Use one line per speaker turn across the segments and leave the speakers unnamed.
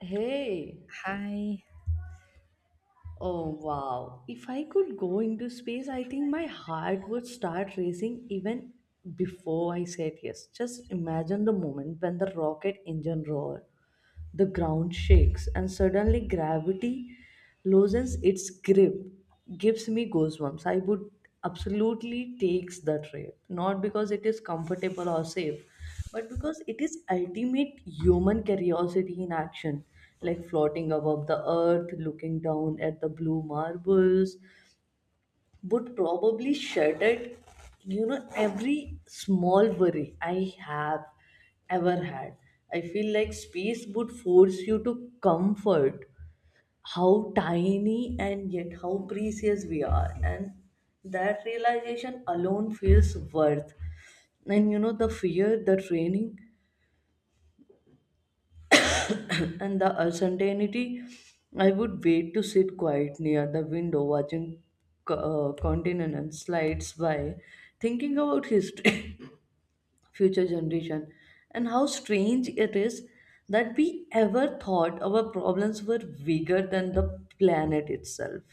Hey.
Hi.
Oh wow. If I could go into space, I think my heart would start racing even before I said yes. Just imagine the moment when the rocket engine roared, the ground shakes, and suddenly gravity loosens its grip. Gives me goosebumps. I would absolutely takes the trip, not because it is comfortable or safe, but because it is ultimate human curiosity in action, like floating above the earth, looking down at the blue marbles, would probably shattered every small worry I have ever had. I feel like space would force you to comfort how tiny and yet how precious we are, and that realization alone feels worth, and the fear, the training, and the uncertainty. I would wait to sit quiet near the window, watching continents slides by, thinking about history. Future generation, and how strange it is that we ever thought our problems were bigger than the planet itself.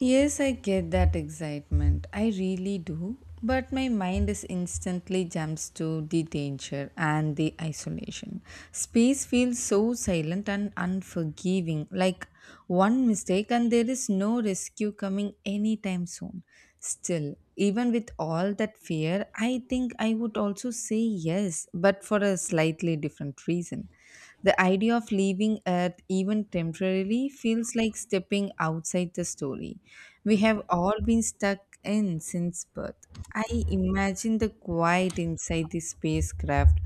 Yes, I get that excitement. I really do. But my mind is instantly jumps to the danger and the isolation. Space feels so silent and unforgiving, like one mistake and there is no rescue coming anytime soon. Still, even with all that fear, I think I would also say yes, but for a slightly different reason. The idea of leaving Earth, even temporarily, feels like stepping outside the story we have all been stuck in since birth. I imagine the quiet inside the spacecraft,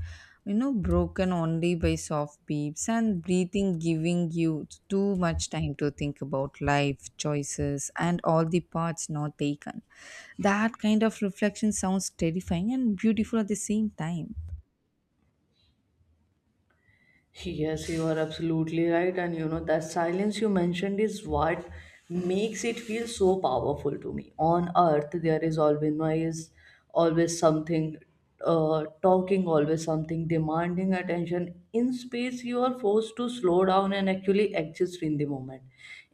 broken only by soft beeps and breathing, giving you too much time to think about life, choices, and all the paths not taken. That kind of reflection sounds terrifying and beautiful at the same time.
Yes, you are absolutely right. That silence you mentioned is what makes it feel so powerful to me. On earth, there is always noise, always something talking, always something demanding attention. In space, you are forced to slow down and actually exist in the moment.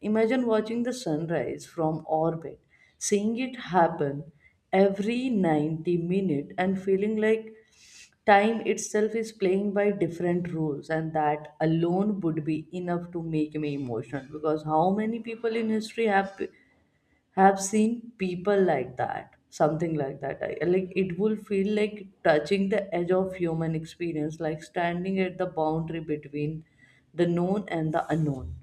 Imagine watching the sunrise from orbit, seeing it happen every 90 minutes, and feeling like time itself is playing by different rules, and that alone would be enough to make me emotional. Because how many people in history have seen people like that, something like that? I, like, it will feel like touching the edge of human experience, like standing at the boundary between the known and the unknown.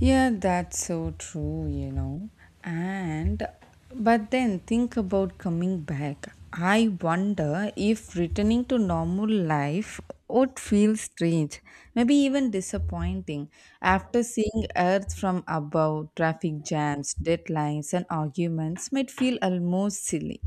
Yeah, that's so true. And but then think about coming back. I wonder if returning to normal life would feel strange, maybe even disappointing after seeing Earth from above, traffic jams, deadlines, and arguments might feel almost silly.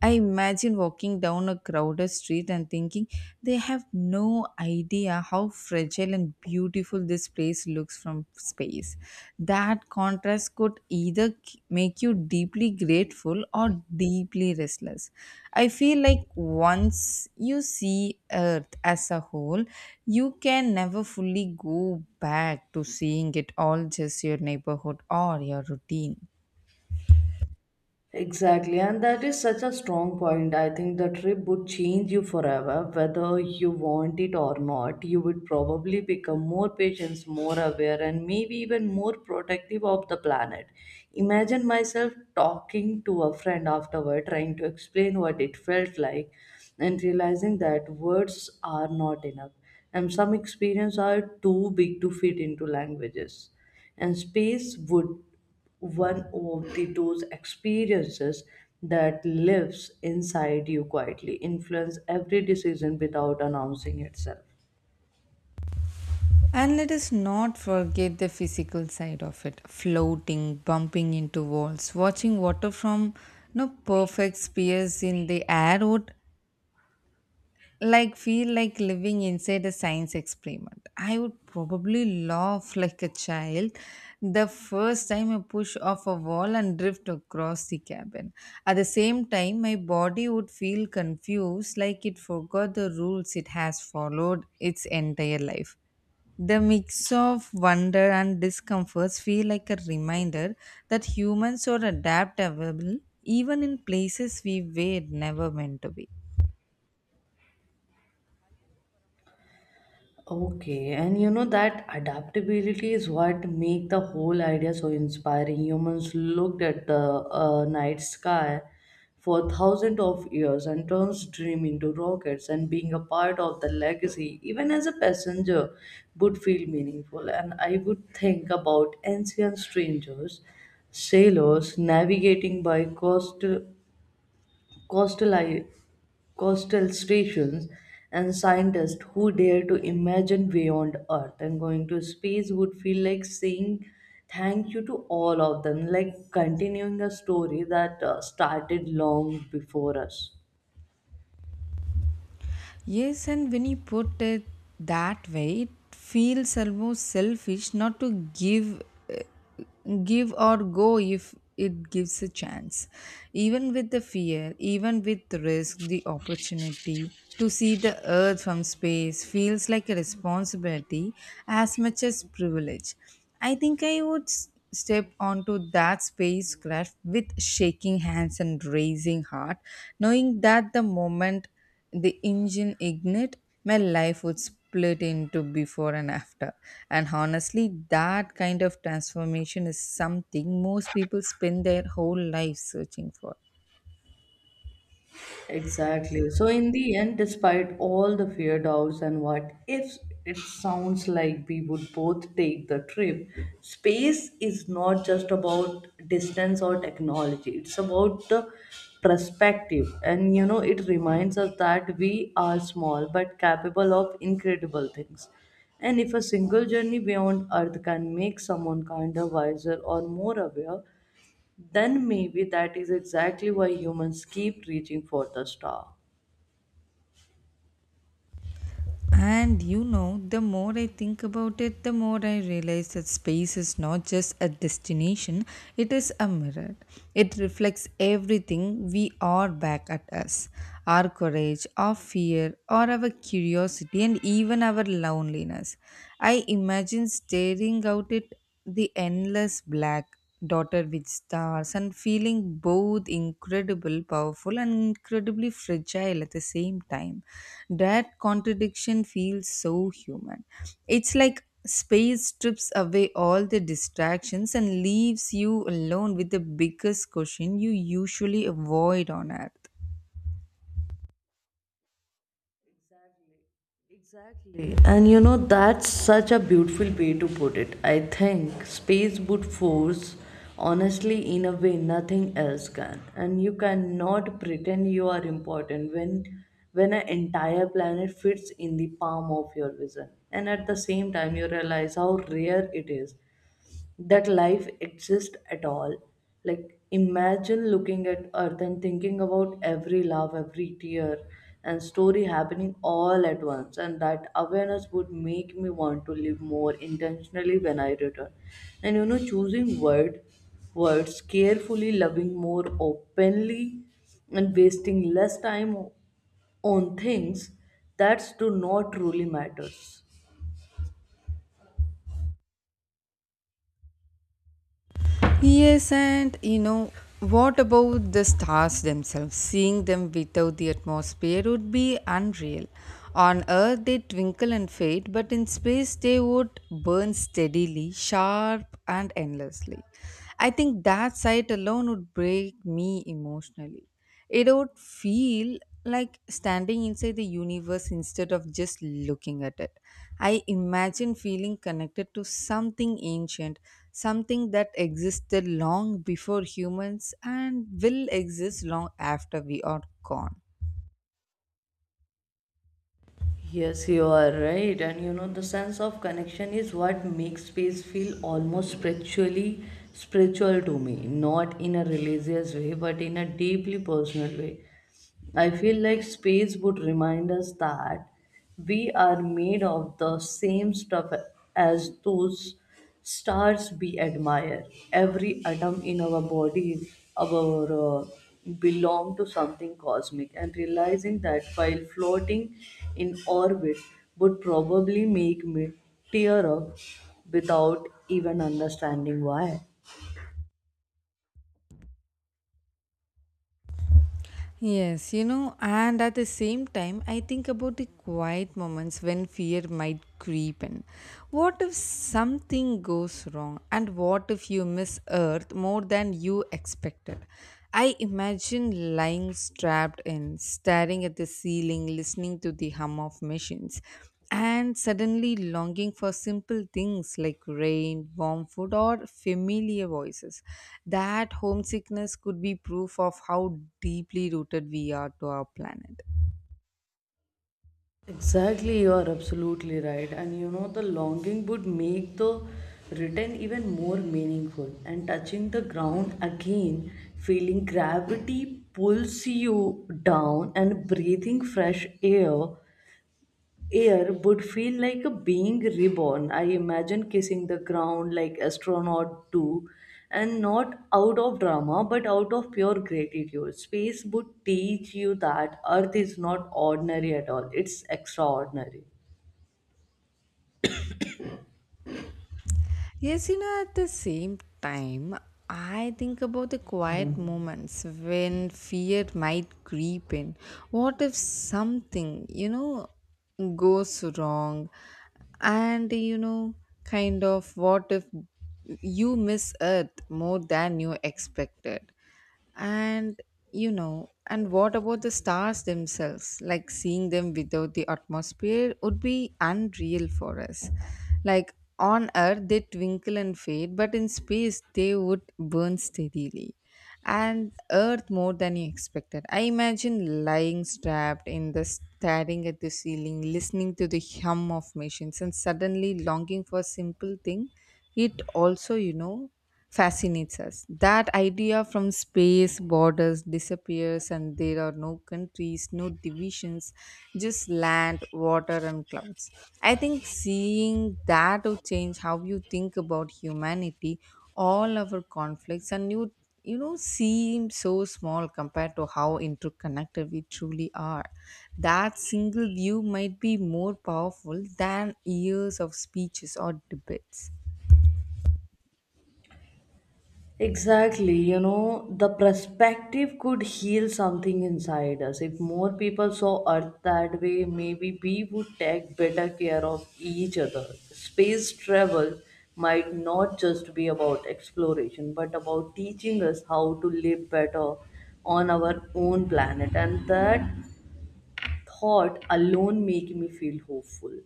I imagine walking down a crowded street and thinking they have no idea how fragile and beautiful this place looks from space. That contrast could either make you deeply grateful or deeply restless. I feel like once you see Earth as a whole, you can never fully go back to seeing it all just your neighborhood or your routine.
Exactly, and that is such a strong point. I think the trip would change you forever, whether you want it or not. You would probably become more patient, more aware, and maybe even more protective of the planet. Imagine myself talking to a friend afterward, trying to explain what it felt like, and realizing that words are not enough, and some experiences are too big to fit into languages. And space would one of the those experiences that lives inside you quietly, influence every decision without announcing itself.
And let us not forget the physical side of it floating, bumping into walls, watching water from no perfect spheres in the air would like feel like living inside a science experiment. I would probably laugh like a child the first time I push off a wall and drift across the cabin. At the same time, my body would feel confused like it forgot the rules it has followed its entire life. The mix of wonder and discomforts feel like a reminder that humans are adaptable even in places we were never meant to be.
Okay, and you know that adaptability is what make the whole idea so inspiring. Humans looked at the night sky for thousands of years and turns dream into rockets, and being a part of the legacy, even as a passenger, would feel meaningful. And I would think about ancient strangers, sailors navigating by coastal, i- coastal stations, and scientists who dare to imagine beyond Earth. And going to space would feel like saying thank you to all of them, like continuing a story that started long before us.
Yes, and when you put it that way, it feels almost selfish not to uh, give or go if it gives a chance. Even with the fear, even with the risk, the opportunity to see the earth from space feels like a responsibility as much as privilege. I think I would step onto that spacecraft with shaking hands and raising heart, knowing that the moment the engine ignite, my life would split into before and after. And honestly, that kind of transformation is something most people spend their whole life searching for.
Exactly. So, in the end, despite all the fear, doubts, and what ifs, it sounds like we would both take the trip. Space is not just about distance or technology, it's about the perspective. It reminds us that we are small but capable of incredible things. And if a single journey beyond Earth can make someone kinder, wiser, or more aware, then maybe that is exactly why humans keep reaching for the star.
And you know, the more I think about it, the more I realize that space is not just a destination, it is a mirror. It reflects everything we are back at us our courage, our fear, or our curiosity, and even our loneliness. I imagine staring out at the endless black dotted with stars and feeling both incredible powerful and incredibly fragile at the same time, that contradiction feels so human. It's like space strips away all the distractions and leaves you alone with the biggest question you usually avoid on earth.
Exactly. Exactly. That's such a beautiful way to put it. I think space would force, honestly, in a way nothing else can. And you cannot pretend you are important when an entire planet fits in the palm of your vision. And at the same time, you realize how rare it is that life exists at all. Like, imagine looking at Earth and thinking about every laugh, every tear, and story happening all at once. And that awareness would make me want to live more intentionally when I return. Choosing words carefully, loving more openly, and wasting less time on things that do not truly matters.
Yes, and you know, what about the stars themselves? Seeing them without the atmosphere would be unreal. On Earth, they twinkle and fade, but in space, they would burn steadily, sharp, and endlessly. I think that sight alone would break me emotionally. It would feel like standing inside the universe instead of just looking at it. I imagine feeling connected to something ancient, something that existed long before humans and will exist long after we are gone.
Yes, you are right. The sense of connection is what makes space feel almost spiritual to me, not in a religious way, but in a deeply personal way. I feel like space would remind us that we are made of the same stuff as those stars we admire, every atom in our body, our uh, belong to something cosmic, and realizing that while floating in orbit would probably make me tear up without even understanding why.
Yes, you know, and at the same time, I think about the quiet moments when fear might creep in. What if something goes wrong? And what if you miss Earth more than you expected? I imagine lying strapped in, staring at the ceiling, listening to the hum of machines and suddenly longing for simple things like rain, warm food, or familiar voices. That homesickness could be proof of how deeply rooted we are to our planet.
Exactly, you are absolutely right. The longing would make the return even more meaningful. And touching the ground again, feeling gravity pulls you down and breathing fresh air would feel like a being reborn. I imagine kissing the ground like astronaut do, and not out of drama, but out of pure gratitude. Space would teach you that Earth is not ordinary at all; it's extraordinary.
Yes, you know, at the same time, I think about the quiet moments when fear might creep in. What if something, goes wrong? And what if you miss Earth more than you expected? And and what about the stars themselves? Like seeing them without the atmosphere would be unreal for us. Like on Earth, they twinkle and fade, but in space, they would burn steadily. And Earth more than you expected. I imagine lying strapped in the staring at the ceiling, listening to the hum of machines, and suddenly longing for a simple thing. It also, fascinates us. That idea from space, borders disappears, and there are no countries, no divisions, just land, water, and clouds. I think seeing that would change how you think about humanity, all our conflicts, and you know seem so small compared to how interconnected we truly are. That single view might be more powerful than years of speeches or debates.
Exactly, the perspective could heal something inside us. If more people saw Earth that way, maybe we would take better care of each other. Space travel might not just be about exploration, but about teaching us how to live better on our own planet. And that thought alone make me feel hopeful.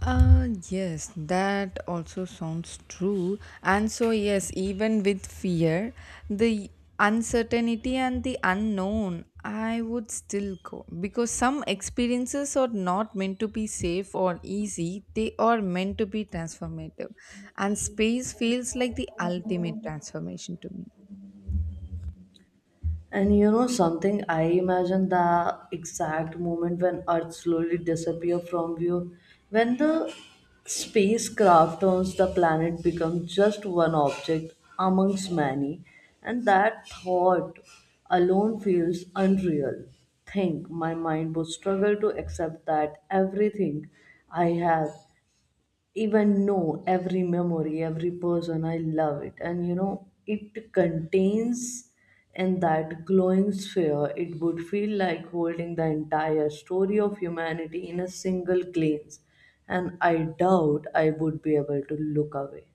Yes, that also sounds true. And so, yes, even with fear, the uncertainty and the unknown, I would still go because some experiences are not meant to be safe or easy, they are meant to be transformative. And space feels like the ultimate transformation to me.
And you know something, I imagine the exact moment when Earth slowly disappear from view, when the spacecraft turns, the planet becomes just one object amongst many, and that thought alone feels unreal. Think my mind would struggle to accept that everything I have even know, every memory, every person. I love it. It contains in that glowing sphere, it would feel like holding the entire story of humanity in a single glance. And I doubt I would be able to look away.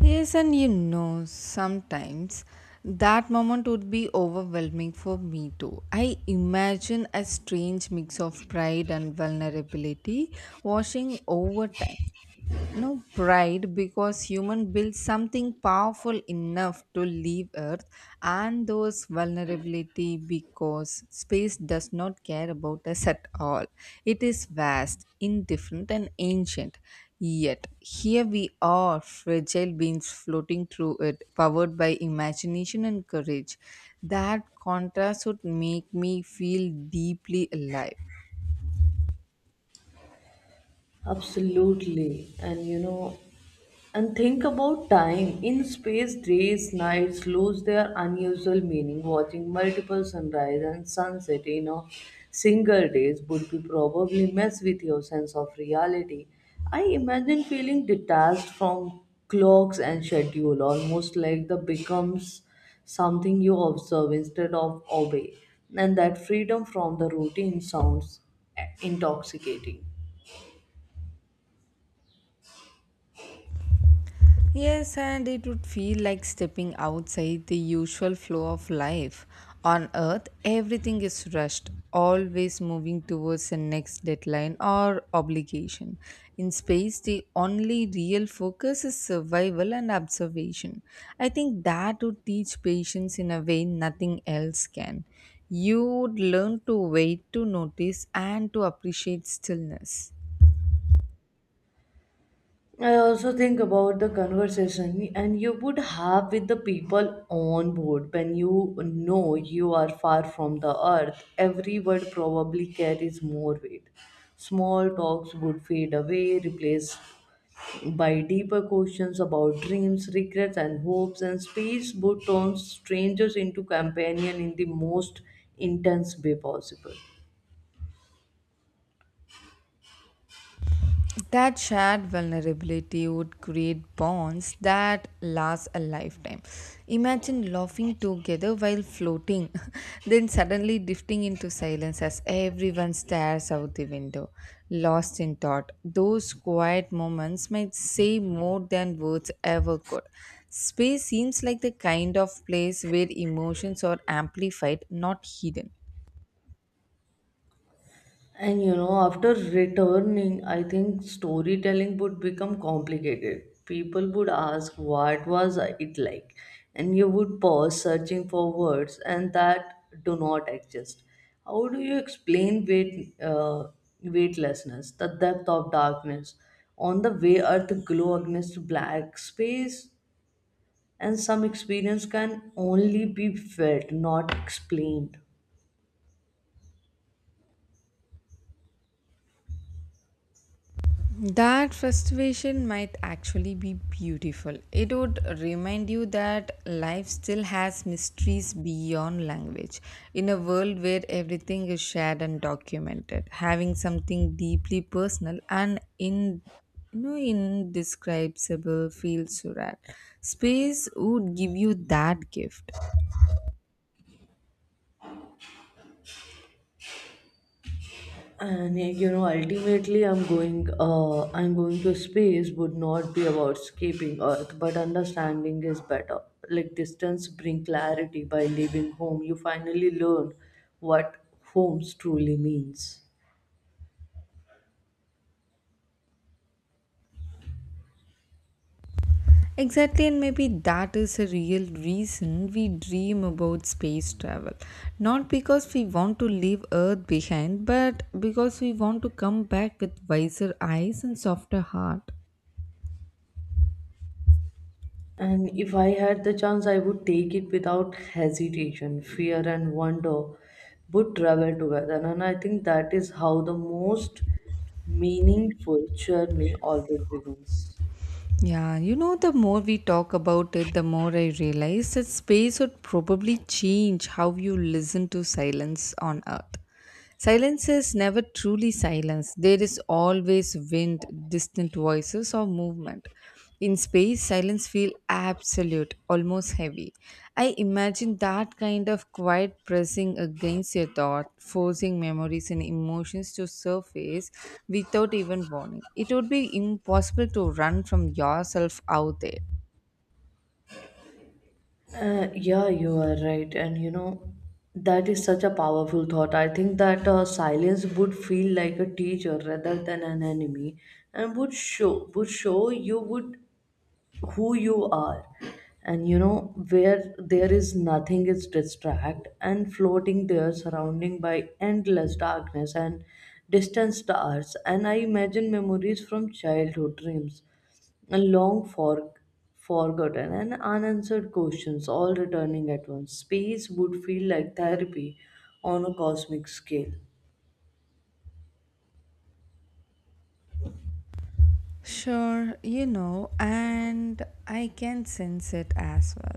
Yes, and you know, sometimes that moment would be overwhelming for me too. I imagine a strange mix of pride and vulnerability washing over time, no pride because human build something powerful enough to leave earth, and those vulnerability because space does not care about us at all. It is vast indifferent and ancient, yet here we are fragile beings floating through it powered by imagination and courage. That contrast would make me feel deeply alive.
Absolutely. And think about time. In space, days, nights lose their unusual meaning. Watching multiple sunrise and sunset in a single day would be probably mess with your sense of reality. I imagine feeling detached from clocks and schedule, almost like the becomes something you observe instead of obey. And that freedom from the routine sounds intoxicating.
Yes, and it would feel like stepping outside the usual flow of life. On Earth, everything is rushed, always moving towards the next deadline or obligation. In space, the only real focus is survival and observation. I think that would teach patience in a way nothing else can. You would learn to wait, to notice, and to appreciate stillness.
I also think about the conversation and you would have with the people on board when you know you are far from the earth. Every word probably carries more weight. Small talks would fade away, replaced by deeper questions about dreams, regrets, and hopes, and space would turn strangers into companion in the most intense way possible.
That shared vulnerability would create bonds that last a lifetime. Imagine laughing together while floating, then suddenly drifting into silence as everyone stares out the window, lost in thought. Those quiet moments might say more than words ever could. Space seems like the kind of place where emotions are amplified, not hidden.
After returning, I think storytelling would become complicated. People would ask, "What was it like?" And you would pause, searching for words, and that do not exist. How do you explain weightlessness, the depth of darkness? On the way, earth glow against black space, and some experience can only be felt, not explained.
That frustration might actually be beautiful. It would remind you that life still has mysteries beyond language. In a world where everything is shared and documented, having something deeply personal and indescribable feels surreal. Space would give you that gift.
And eh, you know, Ultimately, I'm going to space would not be about escaping Earth, but understanding is better. Like distance bring clarity. By leaving home, you finally learn what homes truly means.
Exactly, and maybe that is a real reason we dream about space travel. Not because we want to leave Earth behind, but because we want to come back with wiser eyes and softer heart.
And if I had the chance, I would take it without hesitation. Fear and wonder would travel together, and I think that is how the most meaningful journey always begins.
Yeah, you know, the more we talk about it, the more I realize that space would probably change how you listen to silence on Earth. Silence is never truly silence. There is always wind, distant voices, or movement. In space, silence feels absolute, almost heavy. I imagine that kind of quiet pressing against your thought, forcing memories and emotions to surface without even warning. It would be impossible to run from yourself out there.
Yeah, you are right. That is such a powerful thought. I think that silence would feel like a teacher rather than an enemy, and would show you would who you are, and you know where there is nothing is distract, and floating there surrounding by endless darkness and distant stars, and I imagine memories from childhood dreams and long for forgotten and unanswered questions all returning at once. Space would feel like therapy on a cosmic scale.
Sure, you know, and I can sense it as well.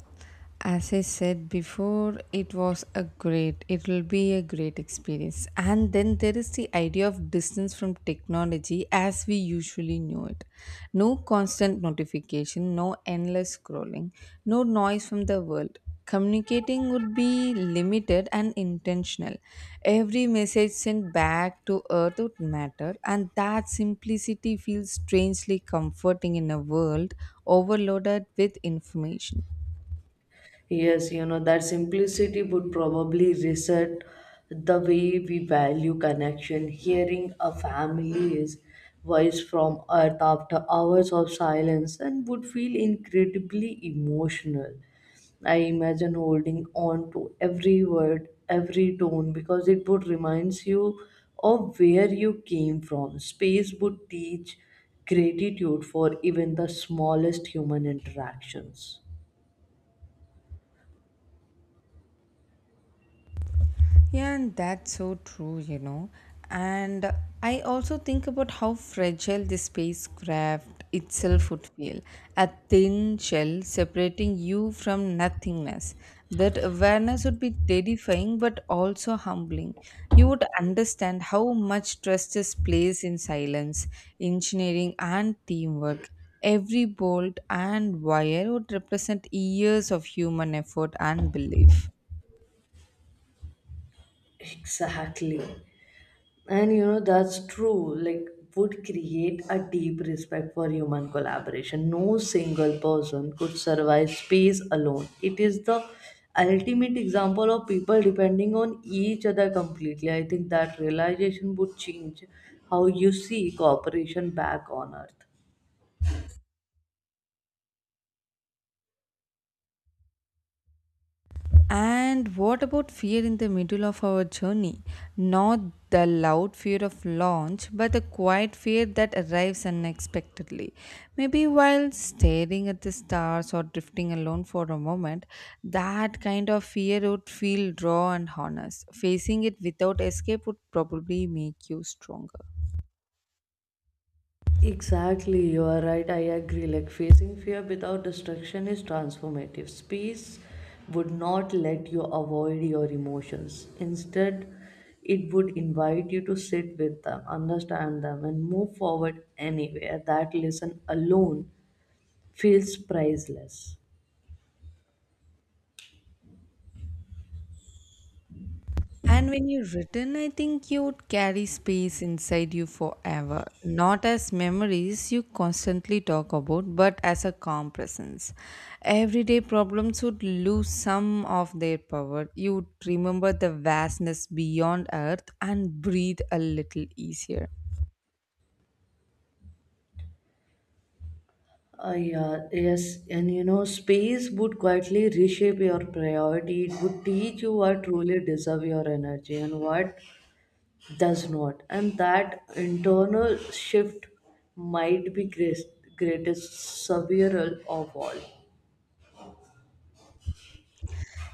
As I said before, it will be a great experience. And then there is the idea of distance from technology as we usually know it. No constant notification, no endless scrolling, no noise from the world communicating would be limited and intentional. Every message sent back to earth would matter, and that simplicity feels strangely comforting in a world overloaded with information.
Yes, that simplicity would probably reset the way we value connection. Hearing a family's voice from earth after hours of silence and would feel incredibly emotional. I imagine holding on to every word, every tone, because it would reminds you of where you came from. Space would teach gratitude for even the smallest human interactions.
Yeah, and that's so true. And I also think about how fragile the spacecraft itself would feel, a thin shell separating you from nothingness. That awareness would be terrifying but also humbling. You would understand how much trust is placed in silence, engineering, and teamwork. Every bolt and wire would represent years of human effort and belief.
Exactly. That's true. Like, would create a deep respect for human collaboration. No single person could survive space alone. It is the ultimate example of people depending on each other completely. I think that realization would change how you see cooperation back on Earth.
And what about fear in the middle of our journey? Not the loud fear of launch, but the quiet fear that arrives unexpectedly. Maybe while staring at the stars or drifting alone for a moment, that kind of fear would feel raw and honest. Facing it without escape would probably make you stronger.
Exactly, you are right. I agree. Like facing fear without destruction is transformative. Space would not let you avoid your emotions. Instead, it would invite you to sit with them, understand them, and move forward anywhere. That lesson alone feels priceless.
And when you return, I think you would carry space inside you forever, not as memories you constantly talk about, but as a calm presence. Everyday problems would lose some of their power. You would remember the vastness beyond Earth and breathe a little easier.
Yeah, yes, space would quietly reshape your priority. It would teach you what truly deserve your energy and what does not, and that internal shift might be great, greatest several of all.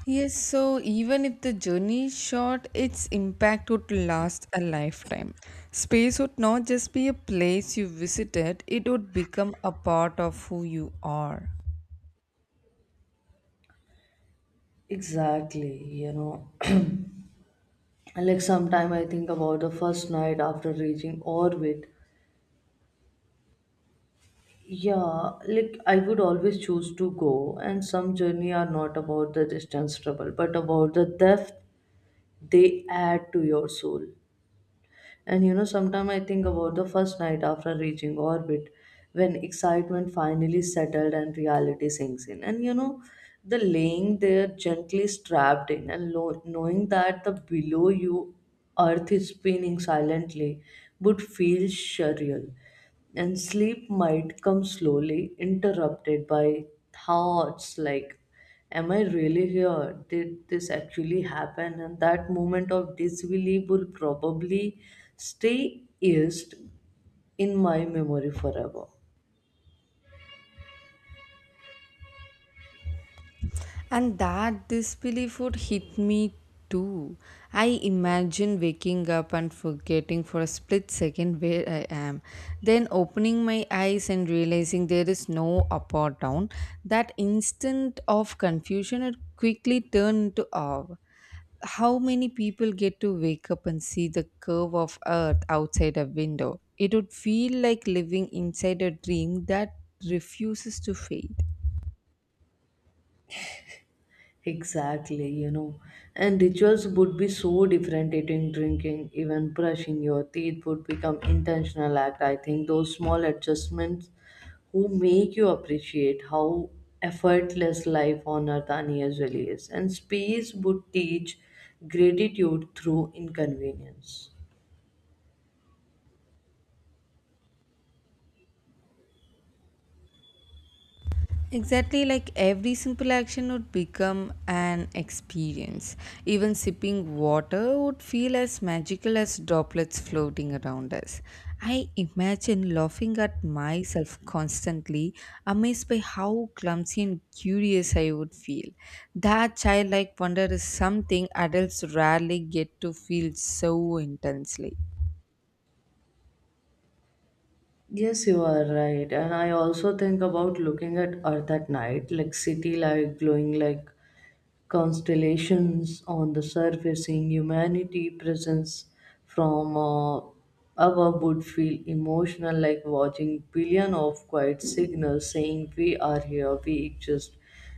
Yes, so even if the journey is short, its impact would last a lifetime. Space would not just be a place you visited, it would become a part of who you are.
Exactly, and like sometime I think about the first night after reaching orbit. Yeah, like I would always choose to go, and some journey are not about the distance travel, but about the depth they add to your soul. Sometimes I think about the first night after reaching orbit, when excitement finally settled and reality sinks in. The laying there gently strapped in and knowing that the below you earth is spinning silently would feel surreal, and sleep might come slowly, interrupted by thoughts like am I really here? Did this actually happen? And that moment of disbelief will probably stay erased in my memory forever.
And that disbelief would hit me too. I imagine waking up and forgetting for a split second where I am, then opening my eyes and realizing there is no up or down. That instant of confusion had quickly turned into awe. How many people get to wake up and see the curve of Earth outside a window? It would feel like living inside a dream that refuses to fade.
Exactly, And rituals would be so different. Eating, drinking, even brushing your teeth would become intentional act. I think those small adjustments who make you appreciate how effortless life on earth unusually is. And space would teach gratitude through inconvenience.
Exactly, like every simple action would become an experience. Even sipping water would feel as magical as droplets floating around us. I imagine laughing at myself constantly, amazed by how clumsy and curious I would feel. That childlike wonder is something adults rarely get to feel so intensely.
Yes, you are right. And I also think about looking at Earth at night, like city light glowing like constellations on the surface, seeing humanity presence from above would feel emotional, like watching billion of quiet signals saying we are here, we exist.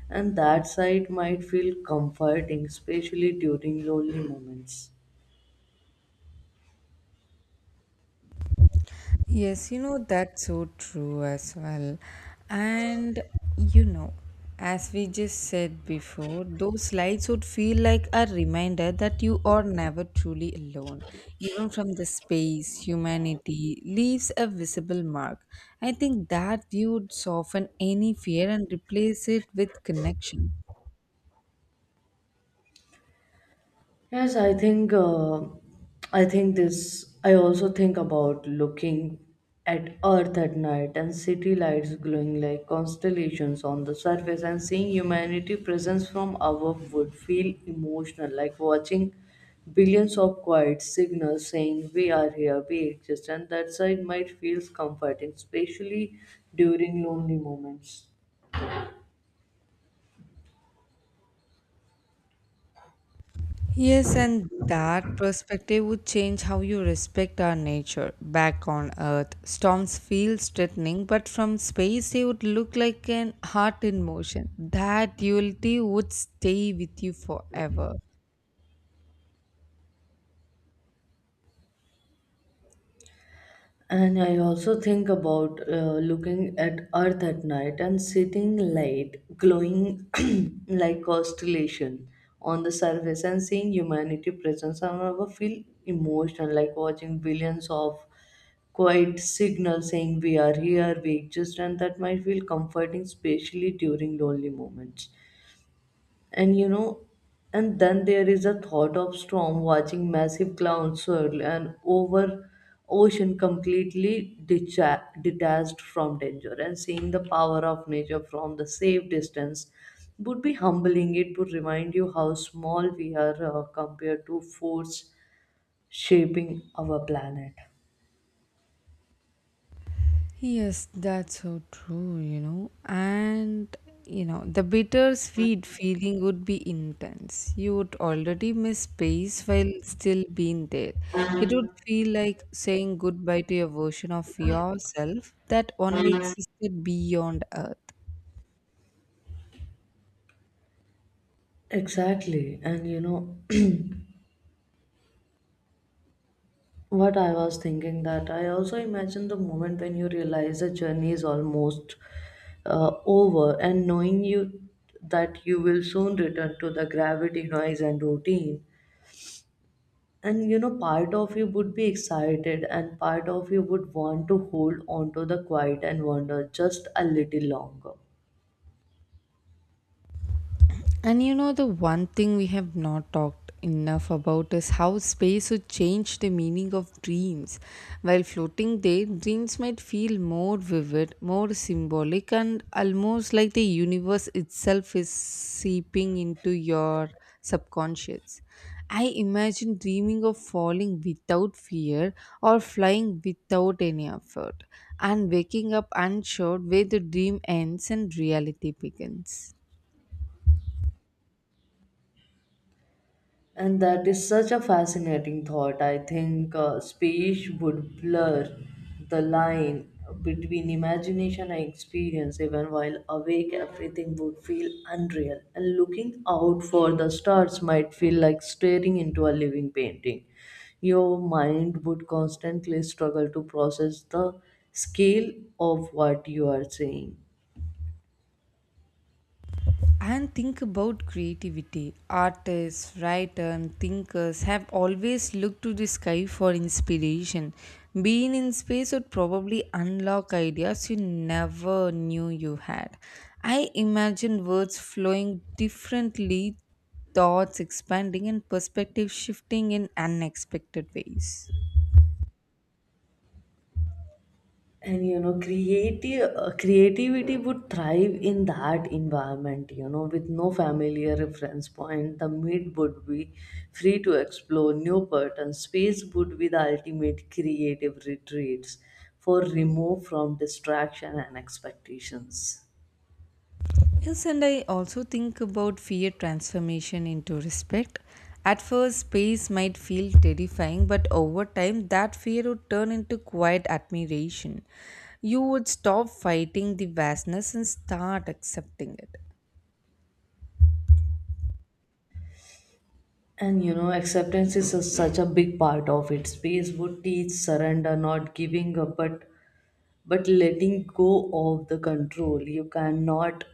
And that sight might feel comforting, especially during lonely moments.
Yes, you know, that's so true as well. And you know, as we just said before, those slides would feel like a reminder that you are never truly alone. Even from the space, humanity leaves a visible mark. I think that view would soften any fear and replace it with connection.
Yes, I think this. I also think about looking at Earth at night and city lights glowing like constellations on the surface, and seeing humanity presence from above would feel emotional, like watching billions of quiet signals saying we are here, we exist, and that side might feels comforting, especially during lonely moments.
Yes, and that perspective would change how you respect our nature. Back on Earth, storms feel threatening, but from space they would look like an heart in motion. That duality would stay with you forever.
And I also think about looking at Earth at night and sitting light glowing like constellation on the surface and seeing humanity presence. I never feel emotional, like watching billions of quiet signals saying we are here, we exist, and that might feel comforting, especially during lonely moments. And you know, and then there is a thought of storm, watching massive clouds swirl and over ocean, completely detached from danger, and seeing the power of nature from the safe distance would be humbling. It would remind you how small we are compared to force shaping our planet.
Yes, that's so true, you know. And, you know, the bittersweet feeling would be intense. You would already miss space while still being there. It would feel like saying goodbye to a version of yourself that only existed beyond Earth.
Exactly. And what I was thinking that I also imagine the moment when you realize the journey is almost over, and knowing you that you will soon return to the gravity, noise, and routine. And you know, part of you would be excited, and part of you would want to hold on to the quiet and wonder just a little longer.
And you know, the one thing we have not talked enough about is how space would change the meaning of dreams. While floating there, dreams might feel more vivid, more symbolic, and almost like the universe itself is seeping into your subconscious. I imagine dreaming of falling without fear or flying without any effort, and waking up unsure where the dream ends and reality begins.
And that is such a fascinating thought. I think space would blur the line between imagination and experience. Even while awake, everything would feel unreal. And looking out for the stars might feel like staring into a living painting. Your mind would constantly struggle to process the scale of what you are seeing.
And think about creativity. Artists, writers, thinkers have always looked to the sky for inspiration. Being in space would probably unlock ideas you never knew you had. I imagine words flowing differently, thoughts expanding, and perspective shifting in unexpected ways.
And you know, creative creativity would thrive in that environment. You know, with no familiar reference point, the meat would be free to explore new patterns. Space would be the ultimate creative retreats, for remove from distraction and expectations.
Yes, and I also think about fear transformation into respect. At first, space might feel terrifying, but over time, that fear would turn into quiet admiration. You would stop fighting the vastness and start accepting it.
And you know, acceptance is a, such a big part of it. Space would teach surrender, not giving up, but letting go of the control you cannot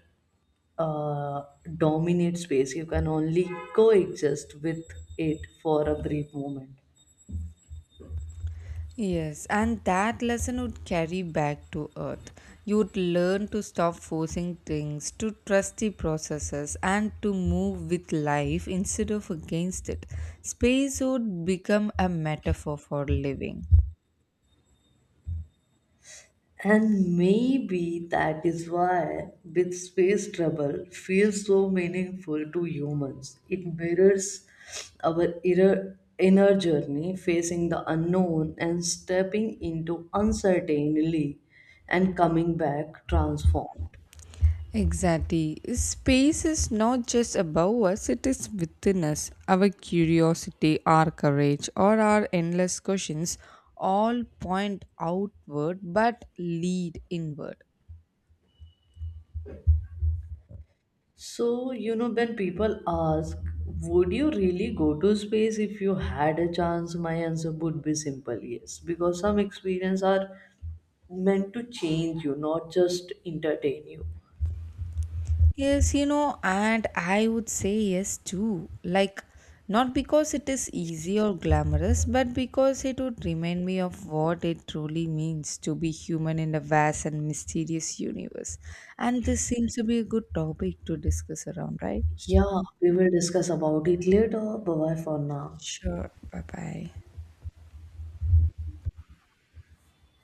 uh, dominate. Space you can only coexist with it for a brief moment.
Yes, and that lesson would carry back to earth. You would learn to stop forcing things, to trust the processes, and to move with life instead of against it. Space would become a metaphor for living.
And maybe that is why with space travel feels so meaningful to humans. It mirrors our inner journey, facing the unknown and stepping into uncertainty and coming back transformed.
Exactly. Space is not just above us, it is within us. Our curiosity, our courage, or our endless questions all point outward but lead inward.
So, you know, when people ask, would you really go to space if you had a chance? My answer would be simple yes, because some experiences are meant to change you, not just entertain you.
Yes, you know, and I would say yes too. Like, not because it is easy or glamorous, but because it would remind me of what it truly means to be human in a vast and mysterious universe. And this seems to be a good topic to discuss around, right?
Yeah, we will discuss about it later. Bye bye for now.
Sure. Bye bye.